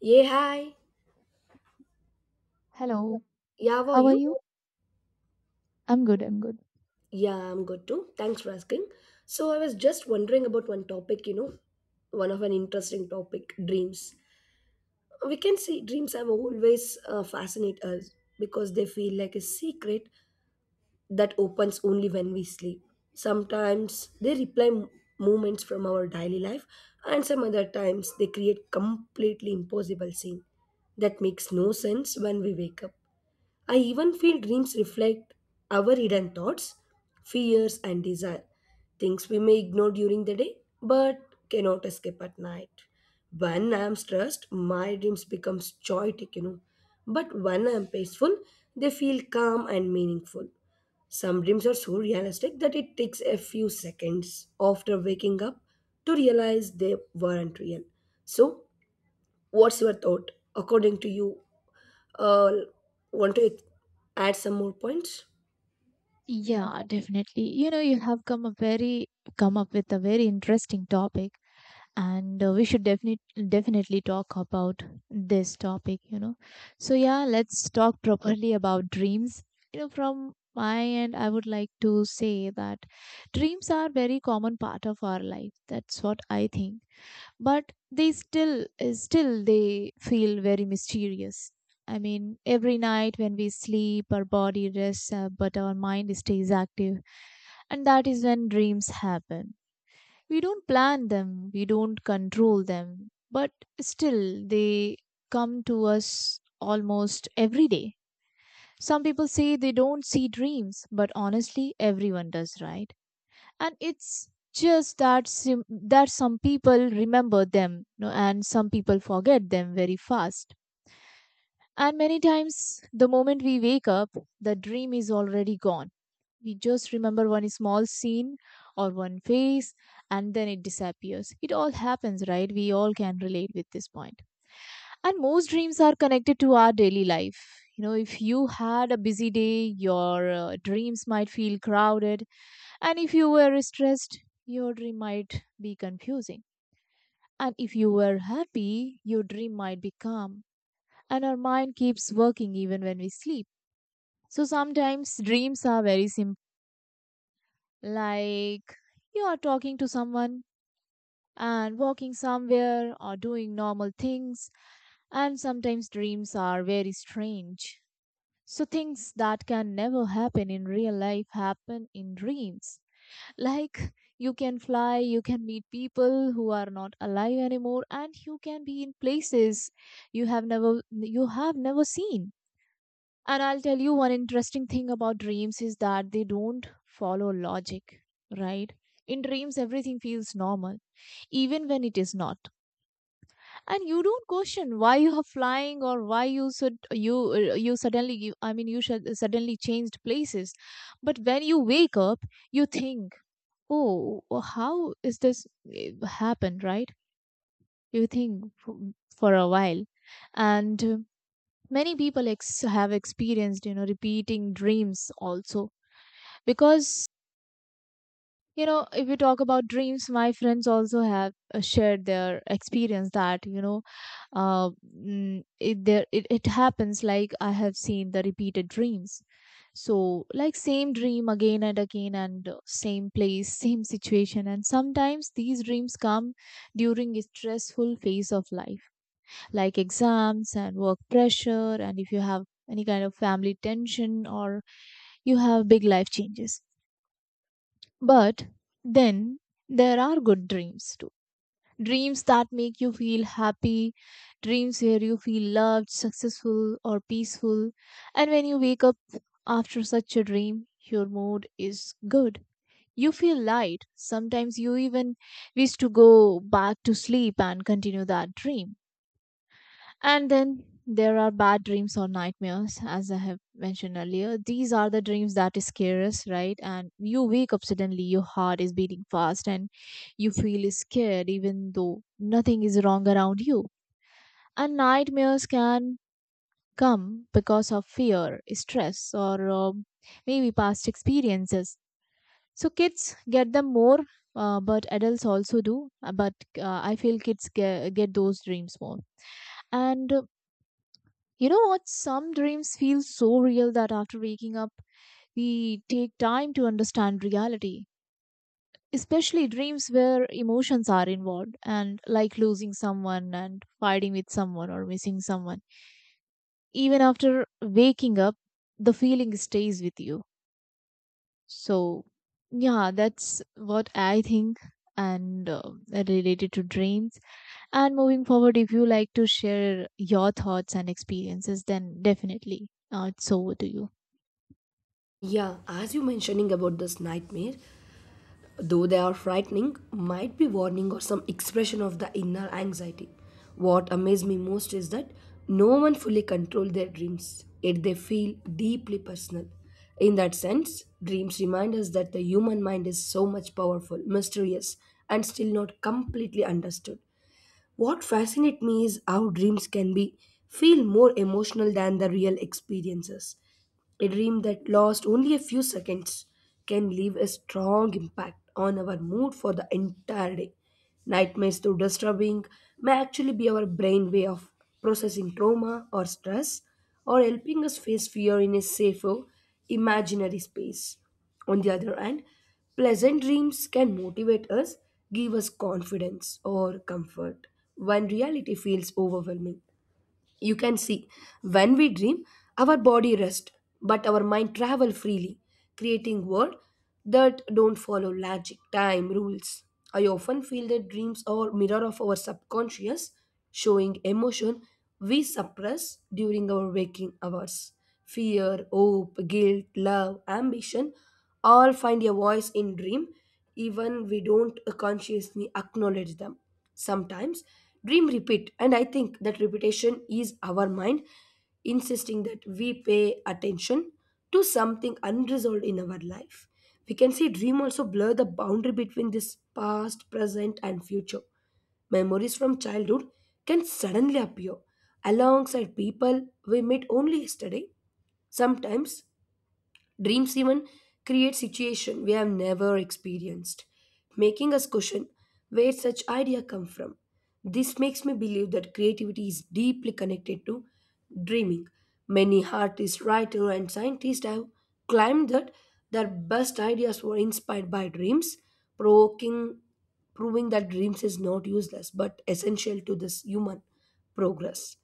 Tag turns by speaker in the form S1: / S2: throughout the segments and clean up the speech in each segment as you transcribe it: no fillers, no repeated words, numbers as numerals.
S1: Yeah, hi.
S2: Hello,
S1: Yeah, how are
S2: how are
S1: you?
S2: you? I'm good, I'm good.
S1: Yeah, I'm good too. Thanks for asking. So I was just wondering about one topic, one of an interesting topic, dreams. We can see dreams have always fascinate us because they feel like a secret that opens only when we sleep. Sometimes they reply moments from our daily life, and some other times they create completely impossible scene that makes no sense when we wake up. I even feel dreams reflect our hidden thoughts, fears, and desire. Things we may ignore during the day but cannot escape at night. When I am stressed, my dreams become chaotic. But when I am peaceful, they feel calm and meaningful. Some dreams are so realistic that it takes a few seconds after waking up to realize they weren't real. So, what's your thought? According to you, uh, want to add some more points?
S2: Yeah, definitely. You know, you have come a very come up with a very interesting topic, and we should definitely definitely talk about this topic, you know. So yeah, let's talk properly about dreams. You know, from my end, I would like to say that dreams are very common part of our life. That's what I think, but they still still they feel very mysterious. I mean, every night when we sleep, our body rests, but our mind stays active, and that is when dreams happen. We don't plan them, we don't control them, but still they come to us almost every day. Some people say they don't see dreams, but honestly everyone does, right? And it's just that that some people remember them, no, and some people forget them very fast. And many times the moment we wake up, the dream is already gone. We just remember one small scene or one face, and then it disappears. It all happens, right? We all can relate with this point. And most dreams are connected to our daily life. You know, if you had a busy day, your dreams might feel crowded. And if you were stressed, your dream might be confusing. And if you were happy, your dream might be calm. And our mind keeps working even when we sleep. So sometimes dreams are very simple, like you are talking to someone and walking somewhere or doing normal things. And sometimes dreams are very strange. So things that can never happen in real life happen in dreams. Like, you can fly, you can meet people who are not alive anymore, and you can be in places you have never seen. And I'll tell you, one interesting thing about dreams is that they don't follow logic, right? In dreams, everything feels normal, even when it is not. And you don't question why you are flying or why you should you you suddenly you, I mean you should suddenly changed places. But when you wake up, you think, oh, oh, how is this happened, right? You think for a while. And Many people have experienced, you know, repeating dreams also. Because, you know, if we talk about dreams, my friends also have shared their experience that, you know, uh, it happens like I have seen the repeated dreams. So like same dream again and again, and same place, same situation. And sometimes these dreams come during a stressful phase of life, like exams and work pressure, and if you have any kind of family tension, or you have big life changes. But then there are good dreams too. Dreams that make you feel happy, dreams where you feel loved, successful, or peaceful. And when you wake up after such a dream, your mood is good. You feel light. Sometimes you even wish to go back to sleep and continue that dream. And then there are bad dreams or nightmares, as I have mentioned earlier. These are the dreams that scare us, right? And you wake up suddenly, your heart is beating fast, and you feel scared, even though nothing is wrong around you. And nightmares can come because of fear, stress, or maybe past experiences. So kids get them more, but adults also do. But I feel kids get those dreams more. And you know what? Some dreams feel so real that after waking up, we take time to understand reality, especially dreams where emotions are involved, and like losing someone and fighting with someone or missing someone. Even after waking up, the feeling stays with you. So, yeah, that's what I think and related to dreams. And moving forward, if you like to share your thoughts and experiences, then definitely it's over to you.
S1: Yeah, as you mentioning about this nightmare, though they are frightening, might be warning or some expression of the inner anxiety. What amazed me most is that no one fully control their dreams, yet they feel deeply personal. In that sense, dreams remind us that the human mind is so much powerful, mysterious, and still not completely understood. What fascinates me is how dreams can be feel more emotional than the real experiences. A dream that lasts only a few seconds can leave a strong impact on our mood for the entire day. Nightmares, though disturbing, may actually be our brain way of processing trauma or stress or helping us face fear in a safer, imaginary space. On the other hand, pleasant dreams can motivate us, give us confidence or comfort when reality feels overwhelming. You can see, when we dream, our body rests, but our mind travel freely, creating world that don't follow logic, time, rules. I often feel that dreams are mirror of our subconscious, showing emotion we suppress during our waking hours. Fear, hope, guilt, love, ambition all find a voice in dream even we don't consciously acknowledge them. Sometimes dream repeat, and I think that repetition is our mind insisting that we pay attention to something unresolved in our life. We can see dream also blur the boundary between this past, present, and future. Memories from childhood can suddenly appear alongside people we met only yesterday. Sometimes dreams even create situations we have never experienced, making us question where such idea come from. This makes me believe that creativity is deeply connected to dreaming. Many artists, writers, and scientists have claimed that their best ideas were inspired by dreams, provoking, proving that dreams is not useless but essential to this human progress.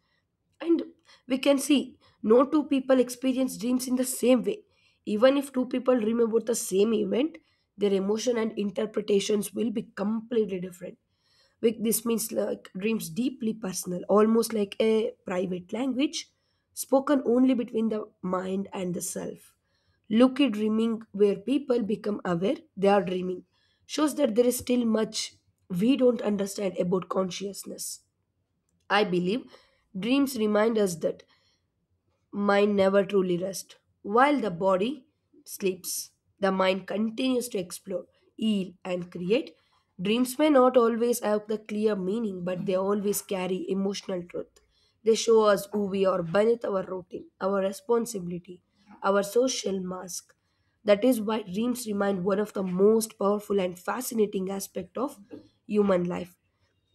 S1: And we can see no two people experience dreams in the same way. Even if two people dream about the same event, their emotion and interpretations will be completely different. Like, this means like dreams deeply personal, almost like a private language spoken only between the mind and the self. Lucky dreaming, where people become aware they are dreaming, shows that there is still much we don't understand about consciousness. I believe dreams remind us that mind never truly rests. While the body sleeps, the mind continues to explore, heal, and create. Dreams may not always have the clear meaning, but they always carry emotional truth. They show us who we are beneath our routine, our responsibility, our social mask. That is why dreams remain one of the most powerful and fascinating aspect of human life.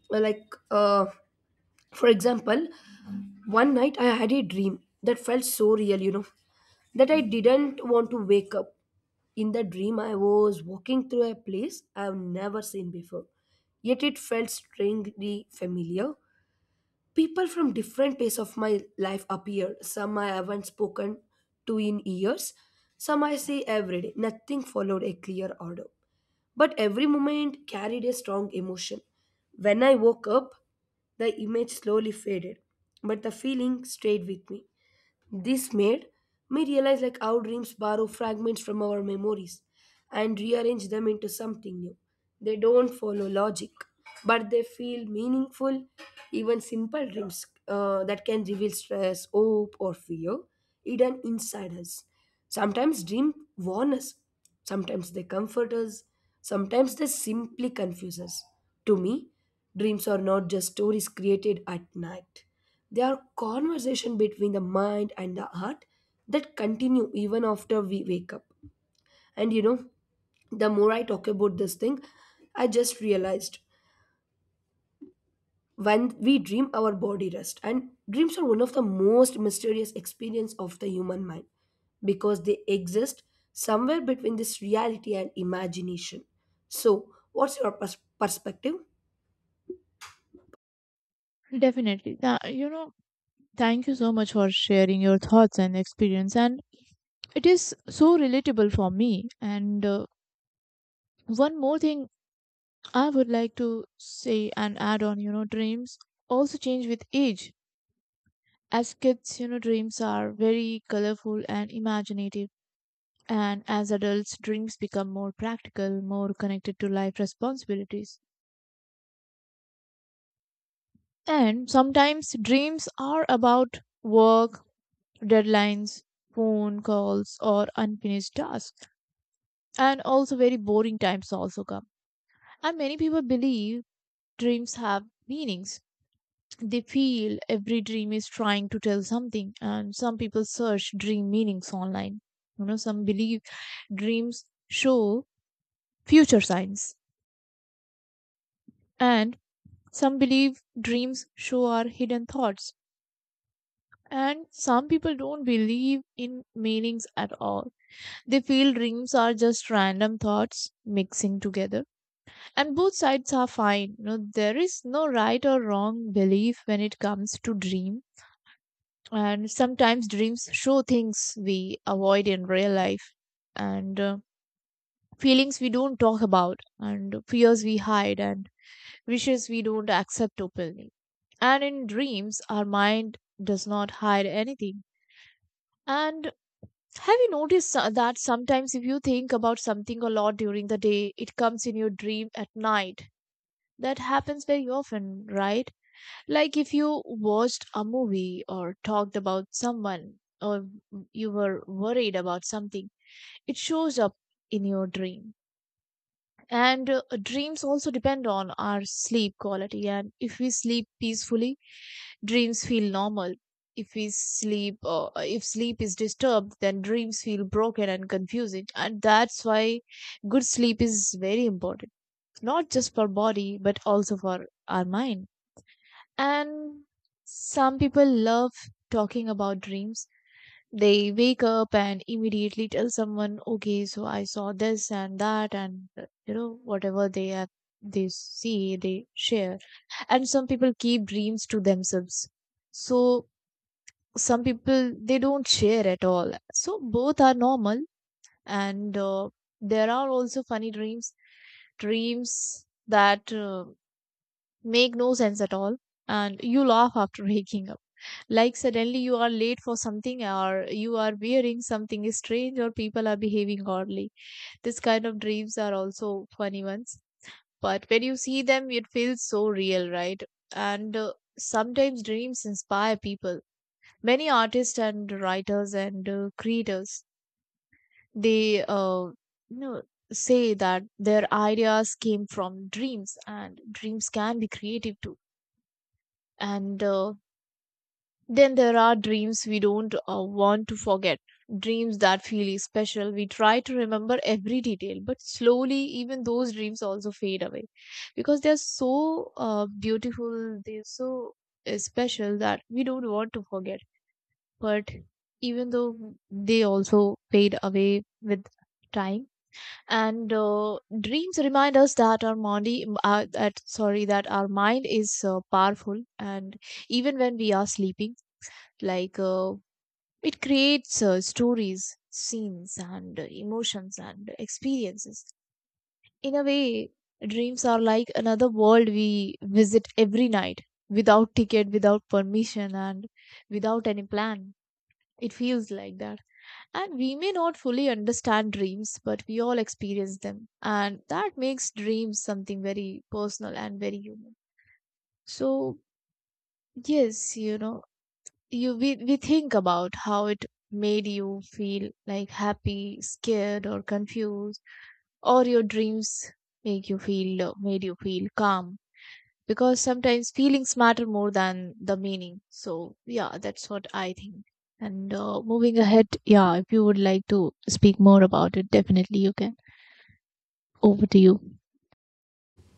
S1: Like, uh, for example, one night I had a dream that felt so real, that I didn't want to wake up. In the dream, I was walking through a place I've never seen before, yet it felt strangely familiar. People from different phases of my life appeared. Some I haven't spoken to in years, some I see every day. Nothing followed a clear order, but every moment carried a strong emotion. When I woke up, the image slowly faded, but the feeling stayed with me. This made me realize like our dreams borrow fragments from our memories and rearrange them into something new. They don't follow logic, but they feel meaningful. Even simple dreams that can reveal stress, hope, or fear hidden inside us. Sometimes dreams warn us, sometimes they comfort us, sometimes they simply confuse us. To me, dreams are not just stories created at night. They are conversation between the mind and the heart that continue even after we wake up. And you know, the more I talk about this thing, I just realized when we dream our body rest and dreams are one of the most mysterious experience of the human mind because they exist somewhere between this reality and imagination. So, what's your perspective?
S2: Definitely. You know, thank you so much for sharing your thoughts and experience. And it is so relatable for me. And One more thing I would like to say and add on, you know, dreams also change with age. As kids, you know, dreams are very colorful and imaginative. And as adults, dreams become more practical, more connected to life responsibilities. And sometimes dreams are about work, deadlines, phone calls, or unfinished tasks. And also very boring times also come. And many people believe dreams have meanings. They feel every dream is trying to tell something, and some people search dream meanings online. You know, some believe dreams show future signs, and some believe dreams show our hidden thoughts. And some people don't believe in meanings at all. They feel dreams are just random thoughts mixing together. And both sides are fine. You know, there is no right or wrong belief when it comes to dream. And sometimes dreams show things we avoid in real life, and feelings we don't talk about, and fears we hide, and wishes we don't accept openly. And in dreams, our mind does not hide anything. And have you noticed that sometimes if you think about something a lot during the day, it comes in your dream at night? That happens very often, right? Like if you watched a movie or talked about someone or you were worried about something, it shows up in your dream. And Dreams also depend on our sleep quality. And if we sleep peacefully, dreams feel normal. If we sleep, if sleep is disturbed, then dreams feel broken and confusing. And that's why good sleep is very important, not just for body, but also for our mind. And some people love talking about dreams. They wake up and immediately tell someone, okay, so I saw this and that, and you know, whatever they have, they see, they share. And some people keep dreams to themselves. So some people, they don't share at all. So both are normal. And There are also funny dreams, dreams that make no sense at all. And you laugh after waking up, like suddenly you are late for something, or you are wearing something strange, or people are behaving oddly. This kind of dreams are also funny ones. But when you see them, it feels so real, right? And Sometimes dreams inspire people. Many artists and writers and creators, they you know, say that their ideas came from dreams, and dreams can be creative too. And Then there are dreams we don't want to forget, dreams that feel special. We try to remember every detail, but slowly, even those dreams also fade away because they're so beautiful, they're so special that we don't want to forget. But even though they also fade away with time, and dreams remind us that our mind, that our mind is powerful, and even when we are sleeping, like it creates stories, scenes, and emotions and experiences. In a way, dreams are like another world we visit every night, without ticket, without permission, and without any plan. It feels like that. And we may not fully understand dreams, but we all experience them, and that makes dreams something very personal and very human. So yes, you know, you we think about how it made you feel, like happy, scared, or confused, or your dreams make you feel, made you feel calm, because sometimes feelings matter more than the meaning. So yeah, that's what I think, and moving ahead, yeah, if you would like to speak more about it, definitely you can. Over to you.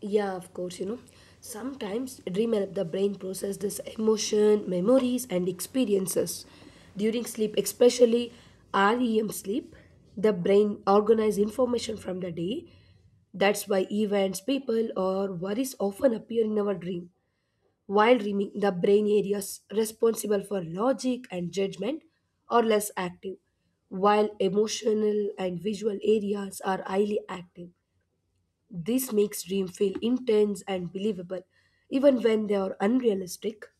S1: Yeah, of course, you know. Sometimes dream help the brain process this emotion, memories and experiences. During sleep, especially REM sleep, the brain organize information from the day. That's why events, people or worries often appear in our dream. While dreaming, the brain areas responsible for logic and judgment are less active, while emotional and visual areas are highly active. This makes dreams feel intense and believable, even when they are unrealistic.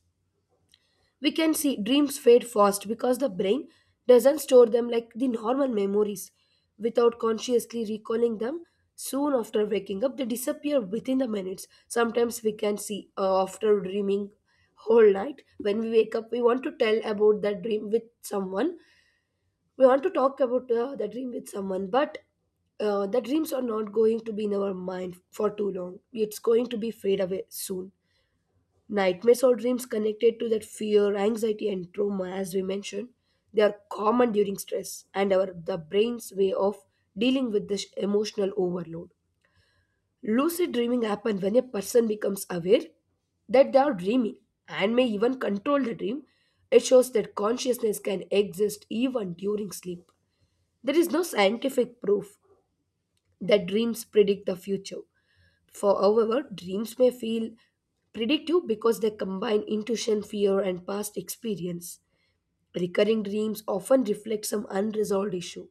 S1: We can see dreams fade fast because the brain doesn't store them like the normal memories. Without consciously recalling them, soon after waking up, they disappear within the minutes. Sometimes we can see after dreaming whole night when we wake up we want to tell about that dream with someone. We want to talk about the dream with someone but the dreams are not going to be in our mind for too long. It's going to be fade away soon. Nightmares or dreams connected to that fear anxiety and trauma, as we mentioned, they are common during stress and our the brain's way of dealing with this emotional overload. Lucid dreaming happens when a person becomes aware that they are dreaming and may even control the dream. It shows that consciousness can exist even during sleep. There is no scientific proof that dreams predict the future. For however, dreams may feel predictive because they combine intuition, fear, and past experience. Recurring dreams often reflect some unresolved issue,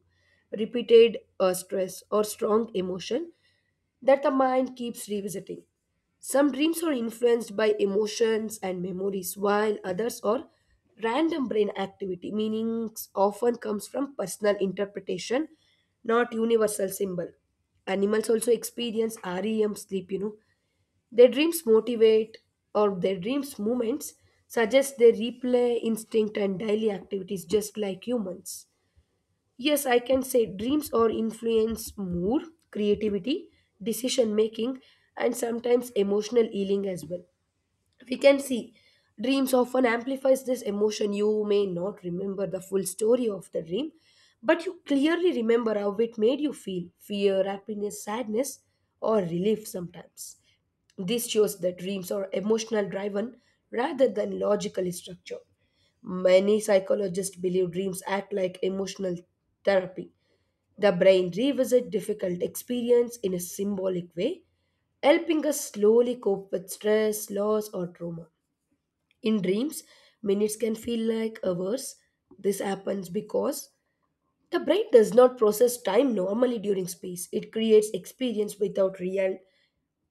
S1: repeated stress, or strong emotion that the mind keeps revisiting. Some dreams are influenced by emotions and memories, while others are random brain activity. Meanings often comes from personal interpretation, not universal symbol. Animals also experience REM sleep, you know. Their dreams motivate or their dreams movements suggest their replay instinct and daily activities just like humans. Yes, I can say dreams or influence mood, creativity, decision making, and sometimes emotional healing as well. We can see dreams often amplifies this emotion. You may not remember the full story of the dream, but you clearly remember how it made you feel fear, happiness, sadness, or relief sometimes. This shows that dreams are emotional driven rather than logically structured. Many psychologists believe dreams act like emotional therapy. The brain revisits difficult experience in a symbolic way, helping us slowly cope with stress, loss, or trauma. In dreams, minutes can feel like hours. This happens because the brain does not process time normally during space. It creates experience without real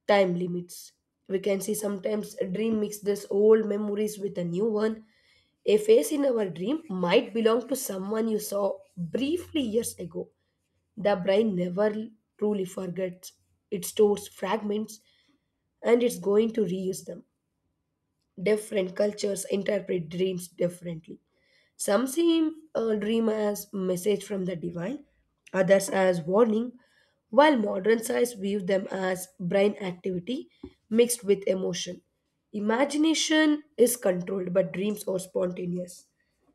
S1: time limits. We can see sometimes a dream mixes old memories with a new one. A face in our dream might belong to someone you saw briefly years ago. The brain never truly forgets. It stores fragments and it's going to reuse them. Different cultures interpret dreams differently. Some see a dream as message from the divine, others as warning, while modern science view them as brain activity mixed with emotion. Imagination is controlled, but dreams are spontaneous.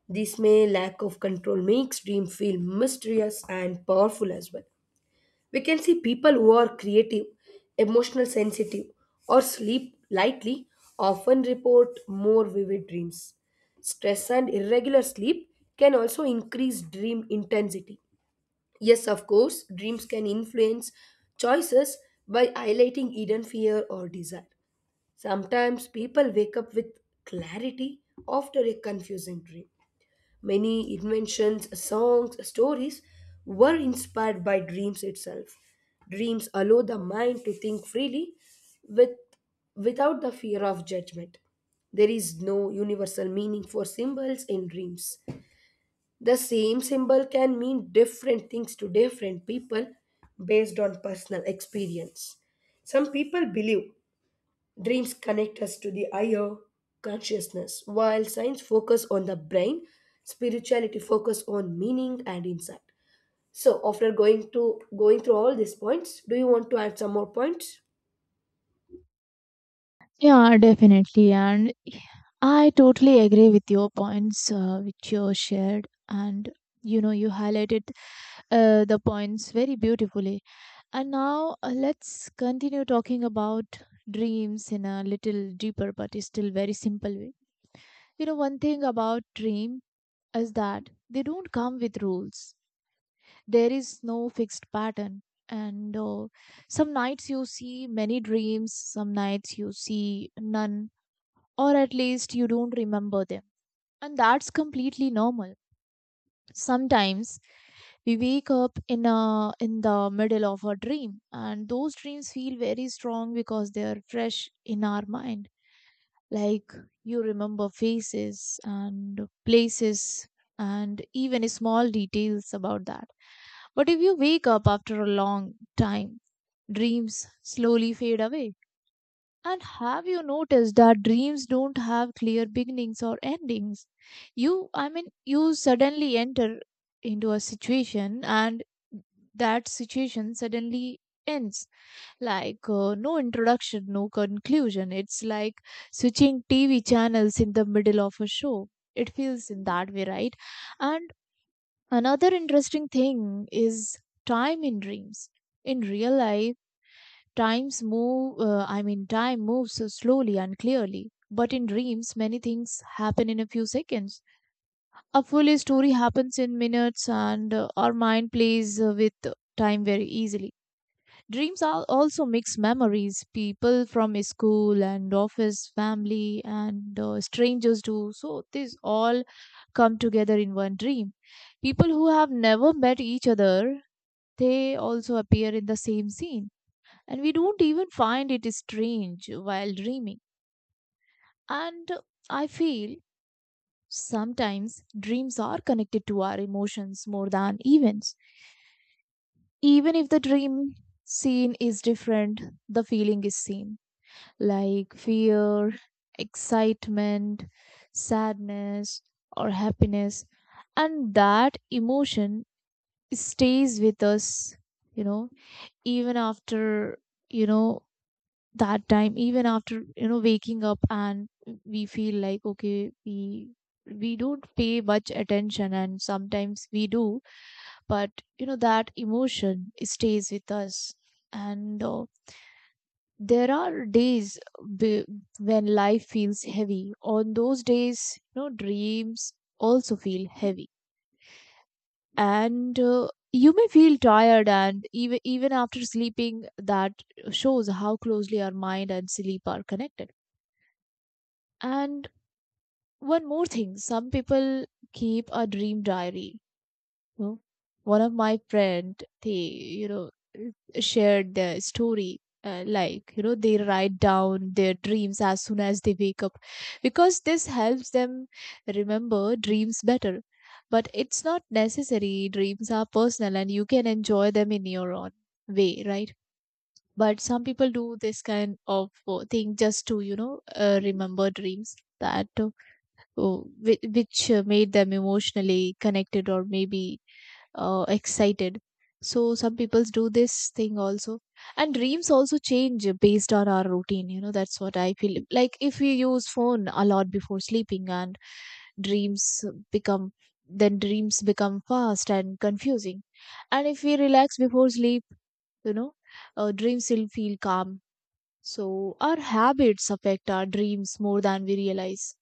S1: This may lack of control makes dream feel mysterious and powerful as well. We can see people who are creative, emotional sensitive, or sleep lightly often report more vivid dreams. Stress and irregular sleep can also increase dream intensity. Yes, of course, dreams can influence choices by highlighting hidden fear or desire. Sometimes people wake up with clarity after a confusing dream. Many inventions, songs, stories were inspired by dreams itself. Dreams allow the mind to think freely with, without the fear of judgment. There is no universal meaning for symbols in dreams. The same symbol can mean different things to different people based on personal experience. Some people believe dreams connect us to the higher consciousness, while science focus on the brain, spirituality focus on meaning and insight. So after going to going through all these points, do you want to add some more points?
S2: Yeah, definitely. And I totally agree with your points which you shared. And you know, you highlighted the points very beautifully. And now let's continue talking about dreams in a little deeper but still very simple way. You know, one thing about dream is that they don't come with rules. There is no fixed pattern. And Some nights you see many dreams, some nights you see none, or at least you don't remember them. And that's completely normal. Sometimes we wake up in a in the middle of a dream, and those dreams feel very strong because they are fresh in our mind. Like, you remember faces and places and even small details about that. But if you wake up after a long time, dreams slowly fade away. And have you noticed that dreams don't have clear beginnings or endings? You suddenly enter into a situation, and that situation suddenly ends. Like, no introduction, no conclusion. It's like switching TV channels in the middle of a show. It feels in that way, right? And another interesting thing is time in dreams. In real life, time moves so slowly and clearly, but in dreams, many things happen in a few seconds. A full story happens in minutes, and our mind plays with time very easily. Dreams are also mix memories, people from school and office, family, and strangers too. So, these all come together in one dream. People who have never met each other, they also appear in the same scene and we don't even find it strange while dreaming. And I feel sometimes dreams are connected to our emotions more than events. Even if the dream scene is different, the feeling is same, like fear, excitement, sadness, or happiness. And that emotion stays with us, you know, even after, you know, that time, even after waking up, and we feel like, okay, we don't pay much attention and sometimes we do, but you know that emotion stays with us. And There are days, b- when life feels heavy, on those days, you know, dreams also feel heavy. And You may feel tired and even even after sleeping. That shows how closely our mind and sleep are connected. And one more thing, some people keep a dream diary, you know. One of my friend, they you know shared their story, like, you know, they write down their dreams as soon as they wake up, because this helps them remember dreams better. But it's not necessary. Dreams are personal and you can enjoy them in your own way, right? But some people do this kind of thing, just to, remember dreams that oh, whi- which made them emotionally connected, or maybe excited. So some people do this thing also. And dreams also change based on our routine, you know, that's what I feel. Like if we use phone a lot before sleeping and dreams become then dreams become fast and confusing. And if we relax before sleep, you know, dreams will feel calm. So our habits affect our dreams more than we realize.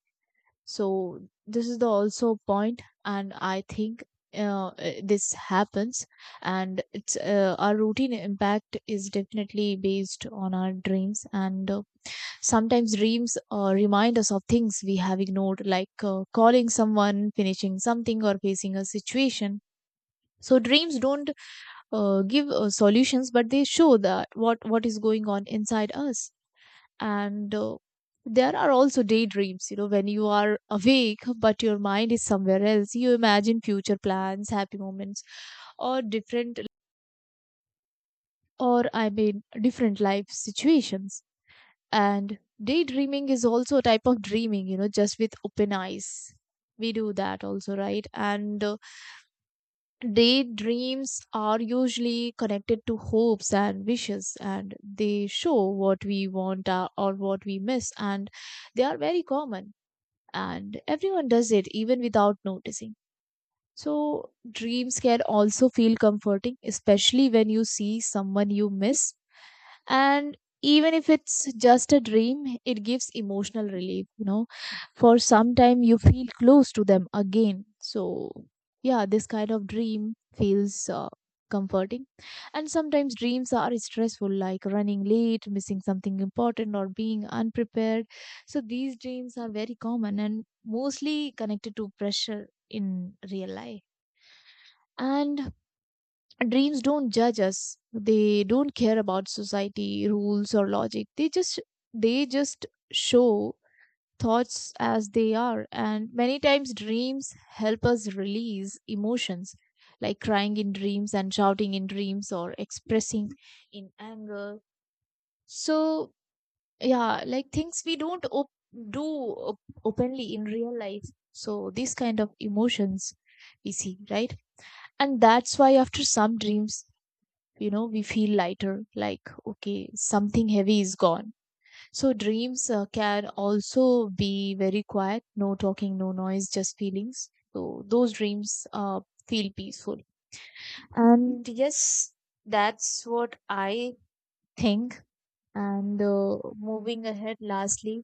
S2: So this is the also point, and I think this happens, and it's, our routine impact is definitely based on our dreams. And Sometimes dreams remind us of things we have ignored, like calling someone, finishing something, or facing a situation. So dreams don't give solutions, but they show that what is going on inside us. And There are also daydreams, you know, when you are awake but your mind is somewhere else. You imagine future plans, happy moments, or different, or different life situations. And daydreaming is also a type of dreaming, you know, just with open eyes. We do that also, right? and Daydreams are usually connected to hopes and wishes, and they show what we want or what we miss, and they are very common, and everyone does it even without noticing. So dreams can also feel comforting, especially when you see someone you miss, and even if it's just a dream, it gives emotional relief, you know. For some time you feel close to them again. So yeah, this kind of dream feels comforting. And sometimes dreams are stressful, like running late, missing something important, or being unprepared. So these dreams are very common and mostly connected to pressure in real life. And dreams don't judge us. They don't care about society rules or logic. They just show thoughts as they are, and many times dreams help us release emotions, like crying in dreams and shouting in dreams, or expressing in anger. So yeah, like things we don't openly in real life. So these kind of emotions we see, right? And that's why after some dreams, you know, we feel lighter, like, okay, something heavy is gone. So dreams can also be very quiet, no talking, no noise, just feelings. So those dreams feel peaceful. And yes, that's what I think. And Moving ahead, lastly,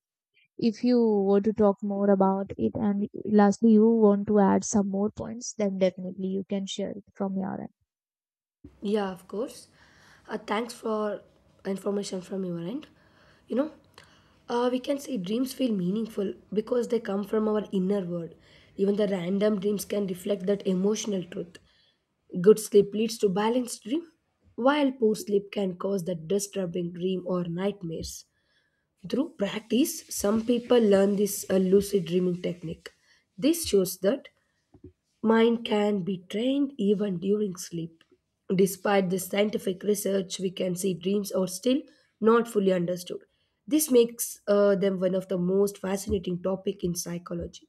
S2: if you want to talk more about it, and lastly you want to add some more points, then definitely you can share it from your end.
S1: Yeah, of course. Thanks for information from your end. You know, we can say dreams feel meaningful because they come from our inner world. Even the random dreams can reflect that emotional truth. Good sleep leads to balanced dream, while poor sleep can cause that disturbing dream or nightmares. Through practice, some people learn this lucid dreaming technique. This shows that mind can be trained even during sleep. Despite the scientific research, we can see dreams are still not fully understood. This makes them one of the most fascinating topic in psychology.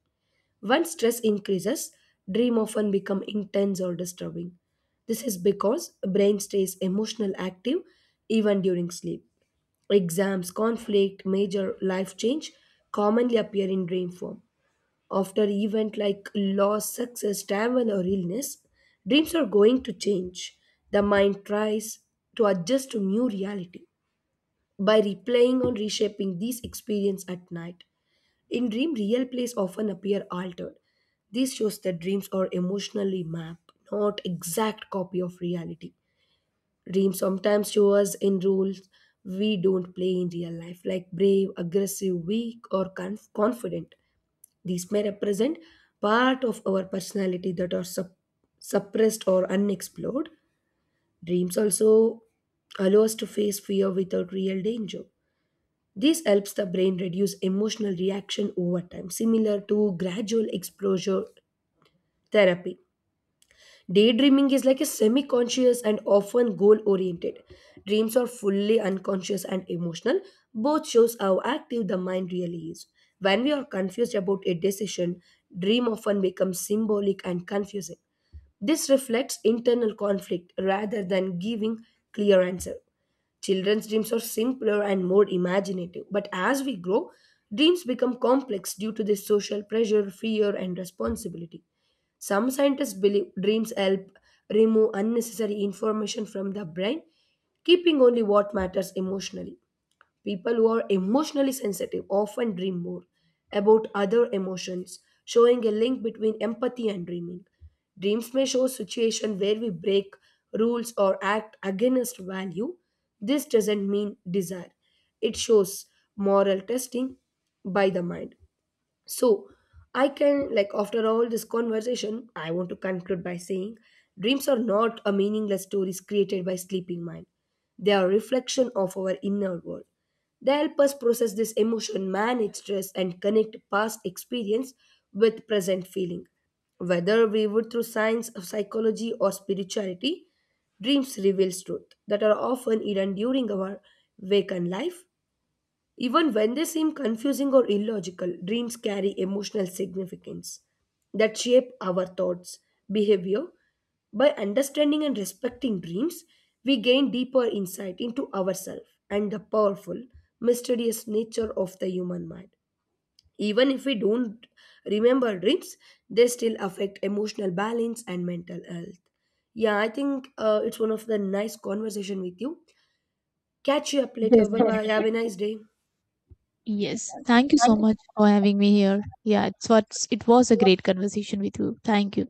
S1: When stress increases, dream often become intense or disturbing. This is because brain stays emotional active even during sleep. Exams, conflict, major life change commonly appear in dream form. After event like loss, success, travel or illness, dreams are going to change. The mind tries to adjust to new reality by replaying or reshaping these experience at night. In dream, real place often appear altered. This shows that dreams are emotionally mapped, not exact copy of reality. Dreams sometimes show us in roles we don't play in real life, like brave, aggressive, weak, or confident. These may represent part of our personality that are suppressed or unexplored. Dreams also allow us to face fear without real danger. This helps the brain reduce emotional reaction over time, similar to gradual exposure therapy. Daydreaming is like a semi conscious and often goal oriented. Dreams are fully unconscious and emotional. Both shows how active the mind really is. When we are confused about a decision, dream often becomes symbolic and confusing. This reflects internal conflict rather than giving clear answer. Children's dreams are simpler and more imaginative, but as we grow, dreams become complex due to the social pressure, fear, and responsibility. Some scientists believe dreams help remove unnecessary information from the brain, keeping only what matters emotionally. People who are emotionally sensitive often dream more about other emotions, showing a link between empathy and dreaming. Dreams may show situations where we break rules or act against value. This doesn't mean desire. It shows moral testing by the mind. So, I can, like, after all this conversation, I want to conclude by saying dreams are not a meaningless stories created by sleeping mind. They are a reflection of our inner world. They help us process this emotion, manage stress, and connect past experience with present feeling. Whether we would through science of psychology or spirituality, dreams reveals truth that are often hidden during our waken life even when they seem confusing or illogical, dreams carry emotional significance that shape our thoughts, behavior. By understanding and respecting dreams, we gain deeper insight into ourselves and the powerful, mysterious nature of the human mind. Even if we don't remember dreams, they still affect emotional balance and mental health. Yeah, I think it's one of the nice conversation with you. Catch you up later. Bye bye. Have
S2: Definitely.
S1: a nice day.
S2: Yes, thank you so much for having me here. Yeah, it was a great conversation with you. Thank you.